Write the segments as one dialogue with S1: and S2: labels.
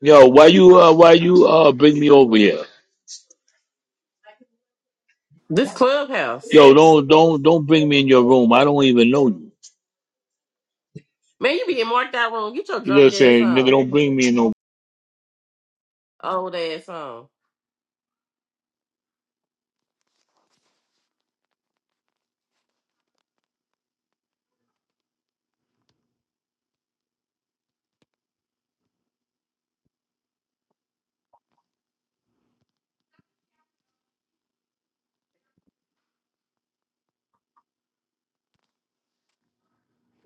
S1: Yo, why you uh why you uh bring me over here?
S2: This clubhouse.
S1: Yo, don't don't don't bring me in your room. I don't even know you.
S2: Man, you be in marked out room. Get your
S1: You know what
S2: drunk
S1: I'm
S2: ass
S1: saying? Nigga,
S2: on.
S1: don't bring me in no
S2: Old ass on.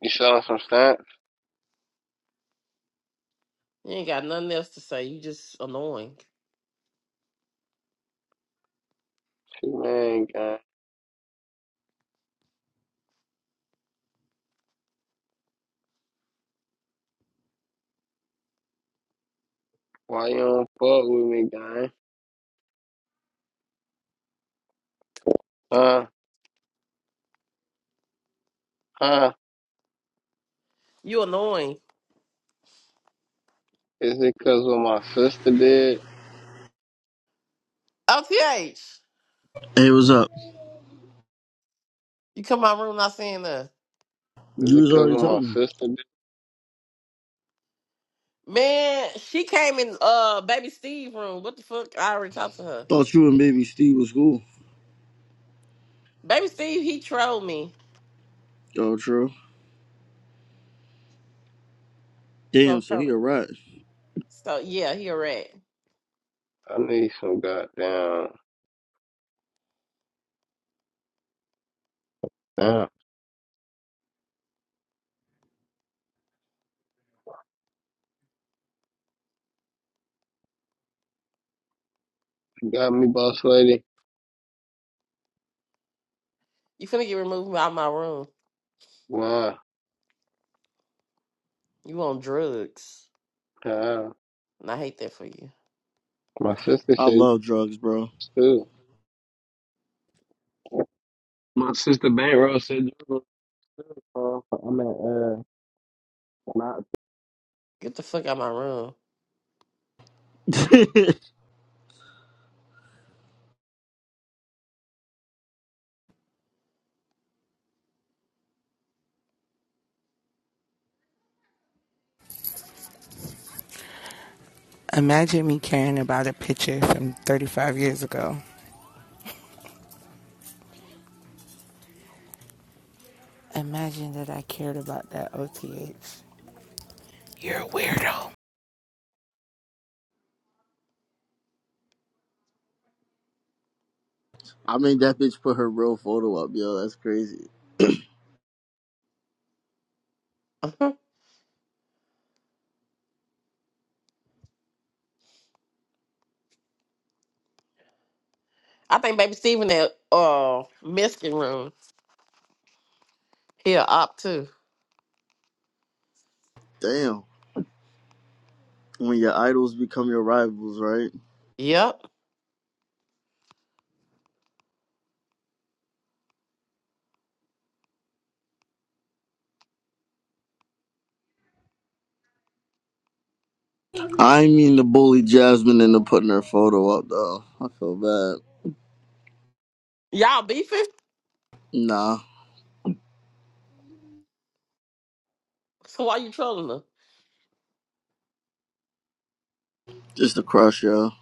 S3: You selling some stamps?
S2: You ain't got nothing else to say. You just annoying.
S3: Man, gang. Why you don't fuck with me, gang? Huh? Huh?
S2: You annoying.
S3: Is it because what my sister did?
S2: Oth,
S4: Hey, what's up?
S2: You come my room not saying nothing.
S3: Is
S4: You
S3: it
S4: was
S3: because
S4: already
S3: what my
S4: talking.
S3: sister did?
S2: Man, she came in uh baby Steve room. What the fuck? I already talked to her.
S4: Thought you and baby Steve was cool.
S2: Baby Steve, he trolled me.
S4: Yo, true.
S2: So I'm
S4: Damn, so he
S2: coming.
S4: a rat.
S2: So yeah, he a rat.
S3: I need some goddamn stamp. You got me, boss lady?
S2: You finna get removed out of my room.
S3: Why?
S2: You on drugs.
S3: Huh?
S2: And I hate that for you.
S3: My sister
S4: I
S3: said you
S4: love drugs, bro.
S3: too. My sister Bankroll said you was too. Huh? I mean, uh, not.
S2: Get the fuck out of my room.
S4: I
S5: Imagine me caring about a picture from 35 years ago. Imagine that I cared about that OTH. You're a weirdo.
S4: mean, that bitch put her real photo up, yo. That's crazy.
S2: I think baby Steven at uh Mexican room. He'll opt too.
S4: Damn. When your idols become your rivals, right?
S2: Yep.
S4: I mean the bully Jasmine into putting her photo up, though. I feel bad.
S2: Y'all beefing?
S4: Nah,
S2: So why you trolling
S4: just a crush, yo.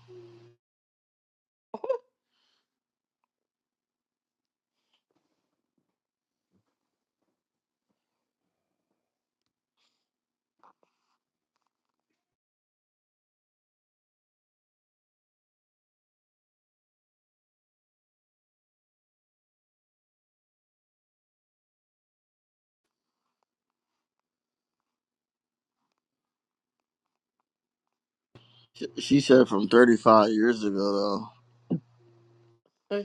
S4: She she said from 35 years ago, though.
S2: her?